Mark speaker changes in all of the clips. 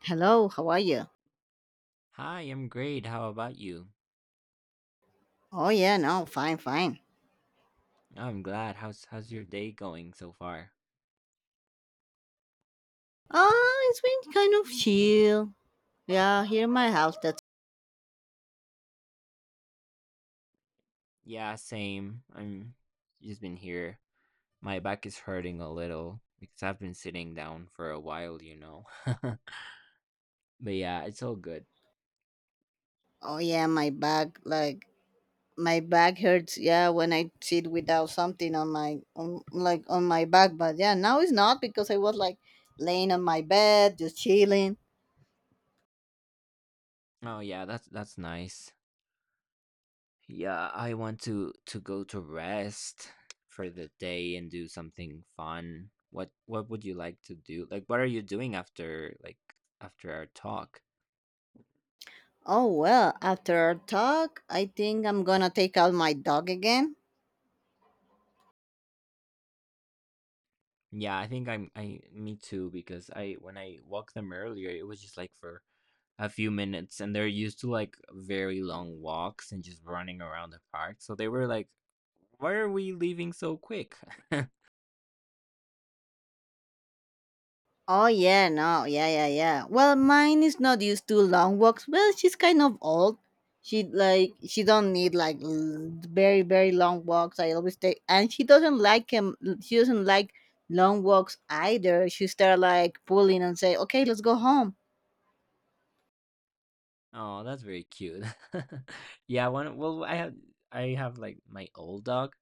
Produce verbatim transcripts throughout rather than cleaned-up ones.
Speaker 1: Hello, how are you?
Speaker 2: Hi, I'm great. How about you?
Speaker 1: Oh yeah, no, fine, fine.
Speaker 2: I'm glad. How's how's your day going so far?
Speaker 1: Oh, it's been kind of chill. Yeah, here in my house. That's
Speaker 2: Yeah, same. I'm just been here. My back is hurting a little because I've been sitting down for a while, you know. But yeah, it's all good.
Speaker 1: oh yeah, my back like my back hurts. Yeah, when I sit without something on my on, like on my back, but yeah, now it's not because I was like laying on my bed just chilling.
Speaker 2: Oh yeah, that's that's nice. Yeah, I want to to go to rest for the day and do something fun. What what would you like to do? Like what are you doing after like after our talk?
Speaker 1: Oh well, after our talk, I think I'm gonna take out my dog again.
Speaker 2: Yeah, I think I'm I me too because I when I walked them earlier, it was just like for a few minutes and they're used to like very long walks and just running around the park. So they were like, "Why are we leaving so quick?"
Speaker 1: Oh yeah, no, yeah, yeah, yeah. Well, mine is not used to long walks. Well, she's kind of old. She like she don't need like l- very very long walks. I always take, and she doesn't like him. She doesn't like long walks either. She start like pulling and say, "Okay, let's go home."
Speaker 2: Oh, that's very cute. Yeah, one well I have I have like my old dog,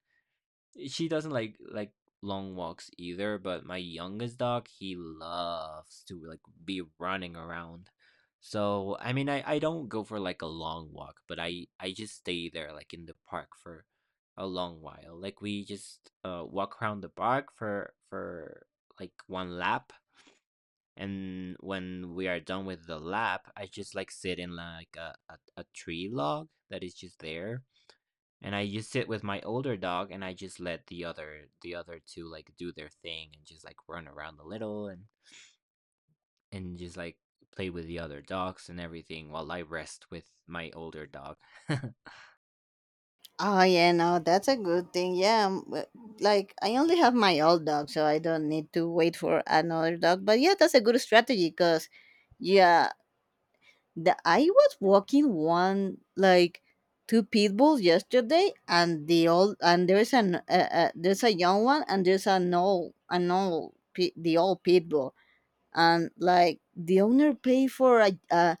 Speaker 2: she doesn't like like long walks either, but my youngest dog, he loves to like be running around. So I mean i i don't go for like a long walk, but i i just stay there like in the park for a long while. Like we just uh walk around the park for for like one lap, and when we are done with the lap I just like sit in like a, a, a tree log that is just there, and I just sit with my older dog, and I just let the other the other two, like, do their thing and just, like, run around a little and and just, like, play with the other dogs and everything while I rest with my older dog.
Speaker 1: Oh yeah, no, that's a good thing. Yeah, um, w- like I only have my old dog, so I don't need to wait for another dog. But yeah, that's a good strategy because yeah. The, I was walking one like two pit bulls yesterday, and the old and there's an uh, uh, there's a young one and there's an old an old pi- the old pit bull, and like the owner paid for a, a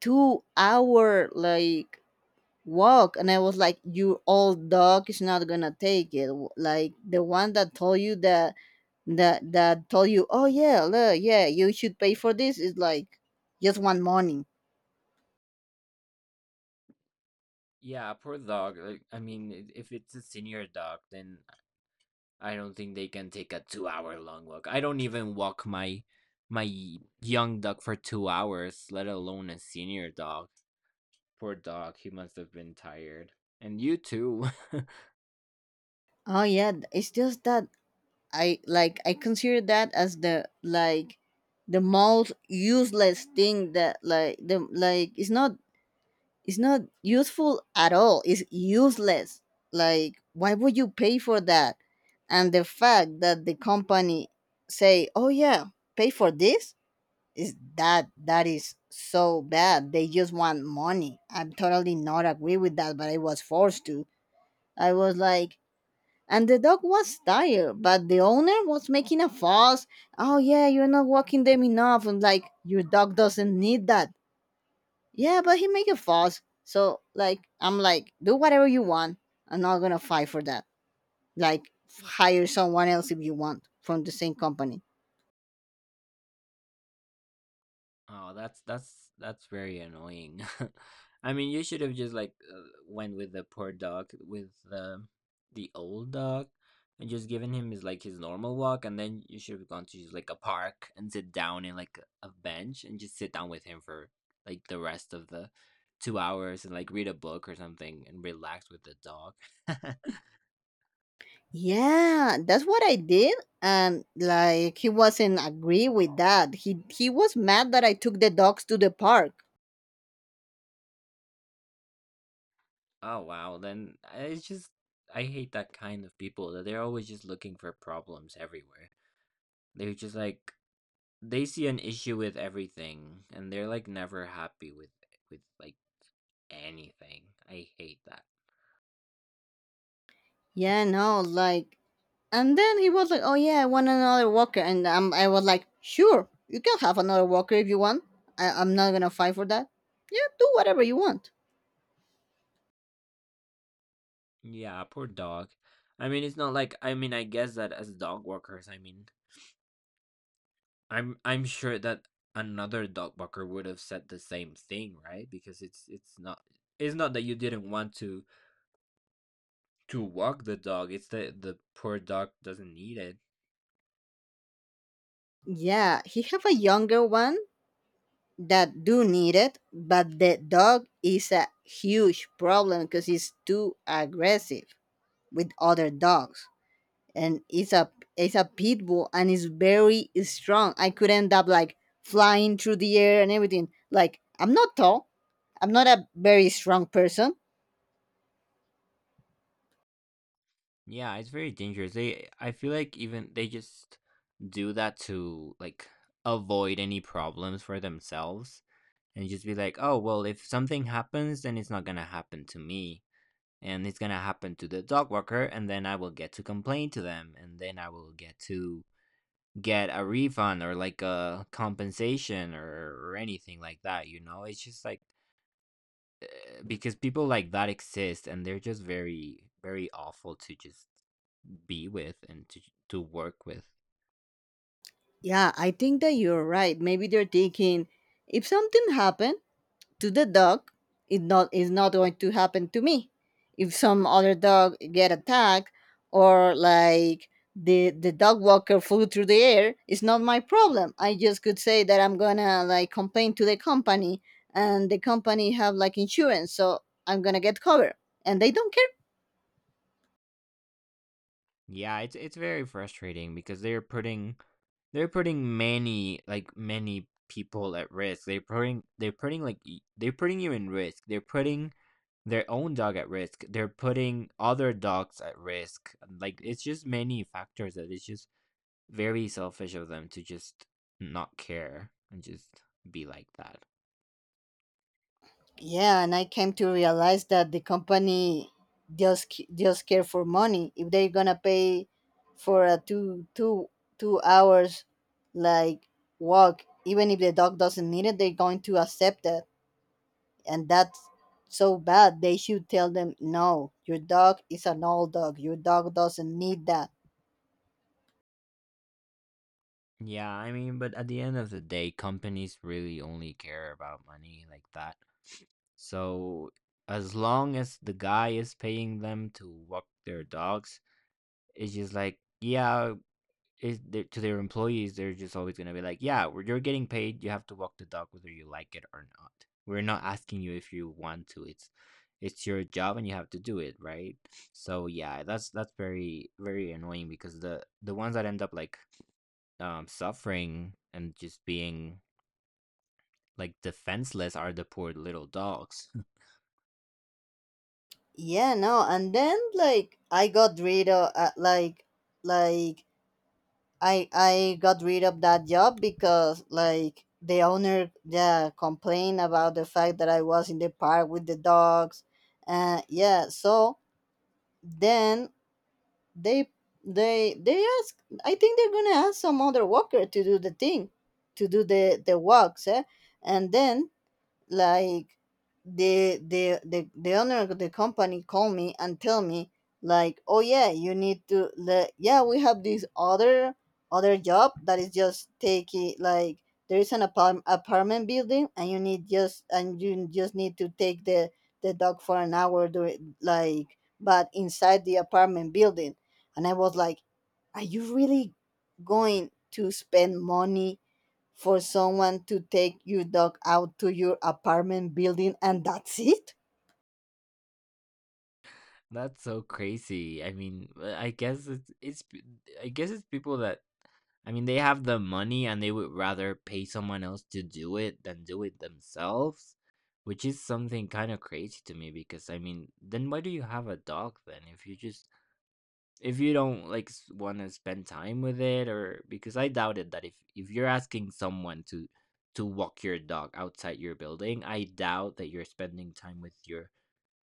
Speaker 1: two hour like walk, and I was like, your old dog is not gonna take it. W- Like the one that told you that that that told you, oh yeah, look, yeah, you should pay for this is like just one morning.
Speaker 2: Yeah, poor dog, like, I mean, I if it's a senior dog, then I don't think they can take a two-hour-long walk. I don't even walk my my young dog for two hours, let alone a senior dog. Poor dog, he must have been tired. And you too.
Speaker 1: Oh yeah, th- it's just that I like I consider that as the like the most useless thing that like the like it's not it's not useful at all. It's useless. Like why would you pay for that? And the fact that the company say, "Oh yeah, pay for this?" is that that is so bad. They just want money. I'm totally not agree with that, but I was forced to. I was like and the dog was tired, but the owner was making a fuss. Oh yeah, you're not walking them enough. And like, your dog doesn't need that. Yeah, but he make a fuss. So like, I'm like, do whatever you want. I'm not gonna fight for that. Like, hire someone else if you want from the same company.
Speaker 2: Oh, that's that's that's very annoying. I mean, you should have just like uh, went with the poor dog with the the old dog and just given him his like his normal walk, and then you should have gone to just like a park and sit down in like a bench and just sit down with him for like the rest of the two hours and like read a book or something and relax with the dog.
Speaker 1: Yeah, that's what I did. And like, he wasn't agree with that. He he was mad that I took the dogs to the park.
Speaker 2: Oh wow, then I- it's just I hate that kind of people that they're always just looking for problems everywhere. They're just like they see an issue with everything, and they're, like, never happy with with, like, anything. I hate that.
Speaker 1: Yeah, no, like. And then he was like, "Oh yeah, I want another walker," and um, I was like, "Sure, you can have another walker if you want. I- I'm not gonna fight for that. Yeah, do whatever you want."
Speaker 2: Yeah, poor dog. I mean, it's not like, I mean, I guess that as dog walkers, I mean, I'm I'm sure that another dog walker would have said the same thing, right? Because it's it's not it's not that you didn't want to to walk the dog, it's that the poor dog doesn't need it.
Speaker 1: Yeah, he have a younger one that do need it, but the dog is a huge problem because he's too aggressive with other dogs, and it's a it's a pit bull and it's very strong. I could end up like flying through the air and everything. Like I'm not tall, I'm not a very strong person.
Speaker 2: Yeah, it's very dangerous. They I feel like even they just do that to like avoid any problems for themselves and just be like, "Oh, well, if something happens, then it's not going to happen to me and it's going to happen to the dog walker, and then I will get to complain to them and then I will get to get a refund or like a compensation or, or anything like that, you know? It's just like uh, because people like that exist and they're just very very awful to just be with and to to work with.
Speaker 1: Yeah, I think that you're right. Maybe they're thinking if something happened to the dog, it not is not going to happen to me. If some other dog get attacked or like the the dog walker flew through the air, it's not my problem. I just could say that I'm gonna like complain to the company and the company have like insurance, so I'm gonna get covered. And they don't care.
Speaker 2: Yeah, it's it's very frustrating because they're putting they're putting many like many people at risk. They're putting they're putting like y- they're putting you in risk. They're putting their own dog at risk. They're putting other dogs at risk. Like it's just many factors that it's just very selfish of them to just not care and just be like that.
Speaker 1: Yeah, and I came to realize that the company just c- just care for money. If they're gonna pay for a two two two hours like walk, even if the dog doesn't need it, they're going to accept that, and that's so bad. They should tell them no. Your dog is an old dog. Your dog doesn't need that.
Speaker 2: Yeah, I mean, but at the end of the day, companies really only care about money like that. So as long as the guy is paying them to walk their dogs, it's just like, yeah, is there, to their employees, they're just always gonna be like, yeah, we're- you're getting paid, you have to walk the dog whether you like it or not. We're not asking you if you want to. It's it's your job and you have to do it, right? So yeah, that's that's very very annoying because the the ones that end up like um, suffering and just being like defenseless are the poor little dogs.
Speaker 1: Yeah, no. And then like I got rid of uh, like like I I got rid of that job because like the owner yeah complained about the fact that I was in the park with the dogs, uh yeah. So then they they they ask. I think they're gonna ask some other walker to do the thing, to do the the walks, eh? And then like the the the, the owner of the company called me and tell me like oh yeah you need to let yeah we have this other other job that is just taking like there is an apart- apartment building and you need just and you just need to take the the dog for an hour during like but inside the apartment building. And I was like, are you really going to spend money for someone to take your dog out to your apartment building and that's it?
Speaker 2: That's so crazy. I mean, uh, I guess it's it's I guess it's people that, I mean, they have the money and they would rather pay someone else to do it than do it themselves, which is something kind of crazy to me because, I mean, then why do you have a dog then if you just, if you don't like want to spend time with it, or because I doubted that if if you're asking someone to to walk your dog outside your building, I doubt that you're spending time with your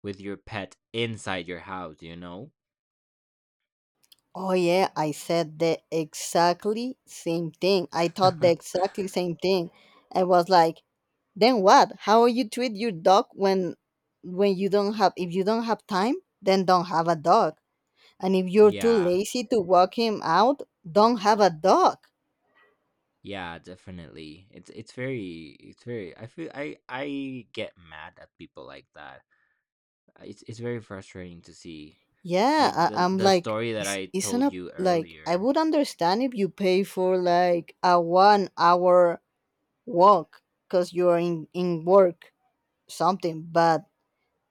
Speaker 2: with your pet inside your house, you know?
Speaker 1: Oh yeah, I said the exactly same thing. I thought the exactly same thing. I was like, then what? How you treat your dog when when you don't have if you don't have time, then don't have a dog. And if you're too
Speaker 2: Yeah,
Speaker 1: lazy to walk him out, don't have a dog.
Speaker 2: yeah, definitely. It's it's very it's very, I feel i i get mad at people like that. Uh, it's it's very frustrating to see
Speaker 1: Yeah,
Speaker 2: like
Speaker 1: I,
Speaker 2: the
Speaker 1: I'm
Speaker 2: the
Speaker 1: like,
Speaker 2: story that
Speaker 1: is,
Speaker 2: I
Speaker 1: isn't
Speaker 2: told
Speaker 1: a
Speaker 2: you
Speaker 1: like I
Speaker 2: earlier.
Speaker 1: would understand if you pay for like a one hour walk because you're in, in work something but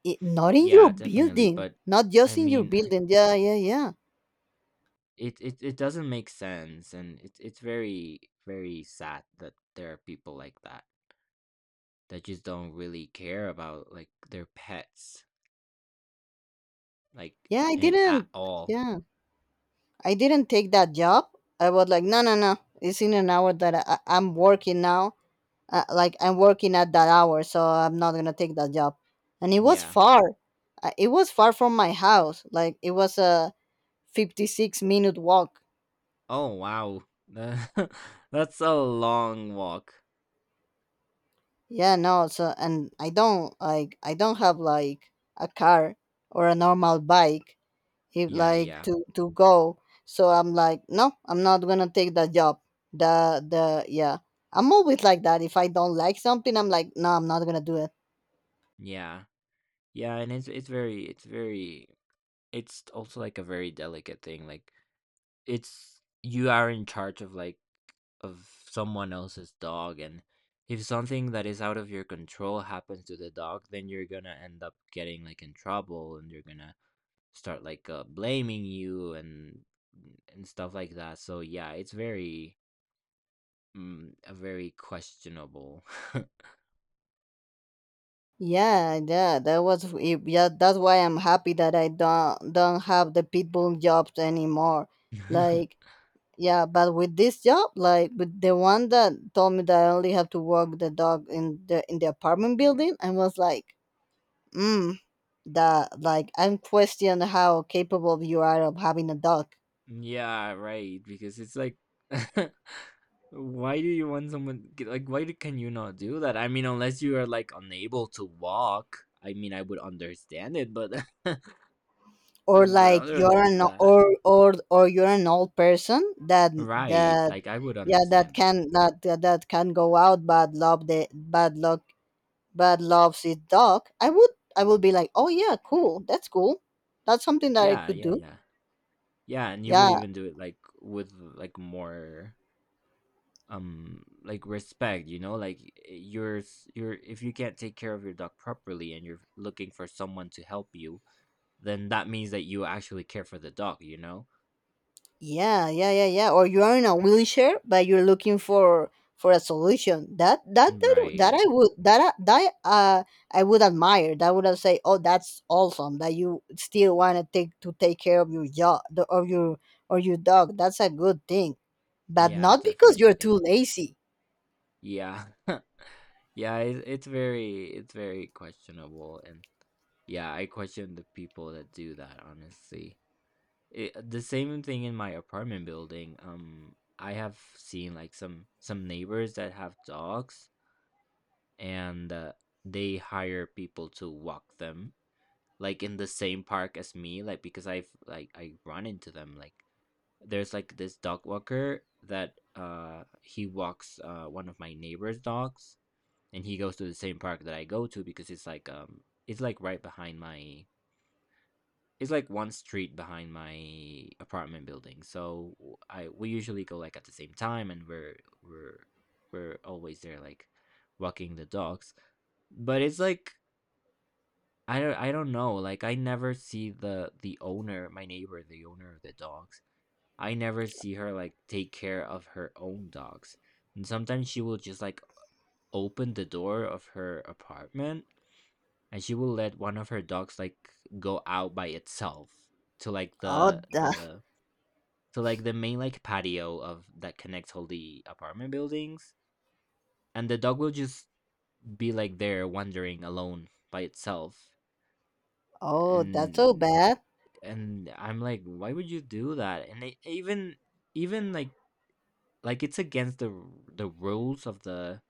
Speaker 1: it, not in your
Speaker 2: Yeah, definitely.
Speaker 1: building
Speaker 2: But
Speaker 1: not
Speaker 2: I
Speaker 1: just in your
Speaker 2: mean,
Speaker 1: building yeah yeah yeah.
Speaker 2: It it it doesn't make sense, and it's it's very very sad that there are people like that that just don't really care about like their pets, like
Speaker 1: Yeah I
Speaker 2: and at
Speaker 1: didn't
Speaker 2: all.
Speaker 1: yeah I didn't take that job. I was like no no no it's in an hour that I, I- I'm working now. Uh, like I'm working at that hour so I'm not gonna take that job. And it was
Speaker 2: Yeah.
Speaker 1: far. Uh, it was far from my house like it was a fifty-six minute walk.
Speaker 2: Oh wow, that's a long walk.
Speaker 1: Yeah, no, so and I don't like I don't have like a car or a normal bike if
Speaker 2: Yeah,
Speaker 1: like
Speaker 2: yeah,
Speaker 1: to to go. So I'm like, no, I'm not gonna take that job. The the yeah. I'm always like that. If I don't like something, I'm like, no, I'm not gonna do it.
Speaker 2: yeah, yeah, and it's it's very it's very, it's also like a very delicate thing. Like it's you are in charge of like of someone else's dog, and if something that is out of your control happens to the dog, then you're gonna end up getting like in trouble, and you're gonna start like uh, blaming you and and stuff like that. So yeah, it's very mm, a very questionable.
Speaker 1: Yeah, yeah, that was it- yeah. That's why I'm happy that I don't don't have the pitbull jobs anymore. Like yeah but with this job like with the one that told me that I only have to walk the dog in the in the apartment building I was like mm that like I'm questioning how capable you are of having a dog.
Speaker 2: Yeah, right, because it's like why do you want someone, like why do, can you not do that? I mean, unless you are like unable to walk, I mean, I would understand it, but
Speaker 1: Or
Speaker 2: Mm, but
Speaker 1: like
Speaker 2: other
Speaker 1: you're an
Speaker 2: than that,
Speaker 1: or or or you're an old person that
Speaker 2: right?
Speaker 1: that
Speaker 2: Like I would
Speaker 1: yeah that
Speaker 2: understand that.
Speaker 1: can that that that can go out but love the bad luck but loves his dog. I would I would be like oh yeah cool that's cool that's something that I
Speaker 2: Yeah,
Speaker 1: could
Speaker 2: yeah,
Speaker 1: do.
Speaker 2: yeah. Yeah, and you would
Speaker 1: Yeah,
Speaker 2: even do it like with like more um like respect, you know? Like you're s- you're, if you can't take care of your dog properly and you're looking for someone to help you, then that means that you actually care for the dog, you know?
Speaker 1: yeah, yeah, yeah, yeah. Or you are in a wheelchair, but you're looking for for a solution. That that
Speaker 2: Mm.
Speaker 1: that that
Speaker 2: Right.
Speaker 1: I would that I- that uh I would admire. That would I say, oh, that's awesome that you still want to take to take care of your dog of your or your dog. That's a good thing, but
Speaker 2: Yeah,
Speaker 1: not because you're
Speaker 2: definitely.
Speaker 1: too lazy.
Speaker 2: Yeah. Yeah, it's, it's very it's very questionable. And yeah, I question the people that do that, honestly. Eh, the same thing in my apartment building. Um, I have seen like some some neighbors that have dogs, and uh, they hire people to walk them, like in the same park as me. Like because I've like I run into them. Like there's like this dog walker that uh he walks uh one of my neighbor's dogs, and he goes to the same park that I go to because it's like um it's like right behind my, it's like one street behind my apartment building. So I we usually go like at the same time, and we're we're we're always there like walking the dogs. But it's like I don't I don't know. Like I never see the the owner, my neighbor, the owner of the dogs. I never see her like take care of her own dogs. And sometimes she will just like open the door of her apartment, and she will let one of her dogs like go out by itself to like
Speaker 1: Oh,
Speaker 2: the
Speaker 1: that,
Speaker 2: the so like the main like patio of that connects all the apartment buildings, and the dog will just be like there wandering alone by itself,
Speaker 1: oh, that's so
Speaker 2: and
Speaker 1: bad.
Speaker 2: and I'm like, why would you do that? And it, even even like like it's against the the rules of the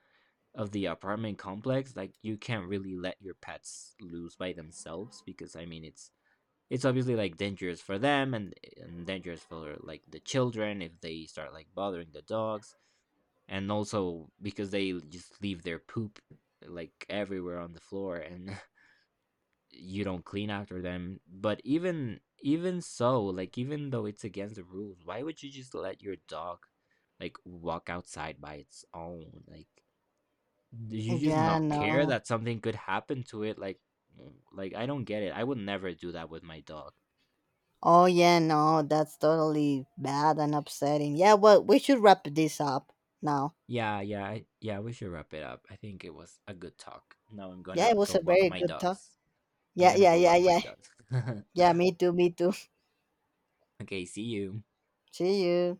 Speaker 2: of the apartment complex. Like you can't really let your pets loose by themselves because, I mean, it's it's obviously like dangerous for them, and, and dangerous for like the children if they start like bothering the dogs, and also because they just leave their poop like everywhere on the floor, and you don't clean after them. But even even so, like even though it's against the rules, why would you just let your dog like walk outside by its own? Like do you just
Speaker 1: Yeah,
Speaker 2: not care
Speaker 1: no.
Speaker 2: that something could happen to it? Like mm, like I don't get it. I would never do that with my dog.
Speaker 1: Oh, yeah, no. That's totally bad and upsetting. Yeah, well, we should wrap this up now.
Speaker 2: Yeah, yeah, I- yeah, we should wrap it up. I think it was a good talk. Now I'm
Speaker 1: Yeah,
Speaker 2: gonna
Speaker 1: it was
Speaker 2: go
Speaker 1: a
Speaker 2: walk
Speaker 1: very
Speaker 2: my
Speaker 1: good talk.
Speaker 2: dogs. I'm
Speaker 1: Yeah,
Speaker 2: gonna
Speaker 1: yeah,
Speaker 2: go
Speaker 1: yeah,
Speaker 2: walk my
Speaker 1: yeah.
Speaker 2: dogs.
Speaker 1: Yeah, me too, me too.
Speaker 2: Okay, see you.
Speaker 1: See you.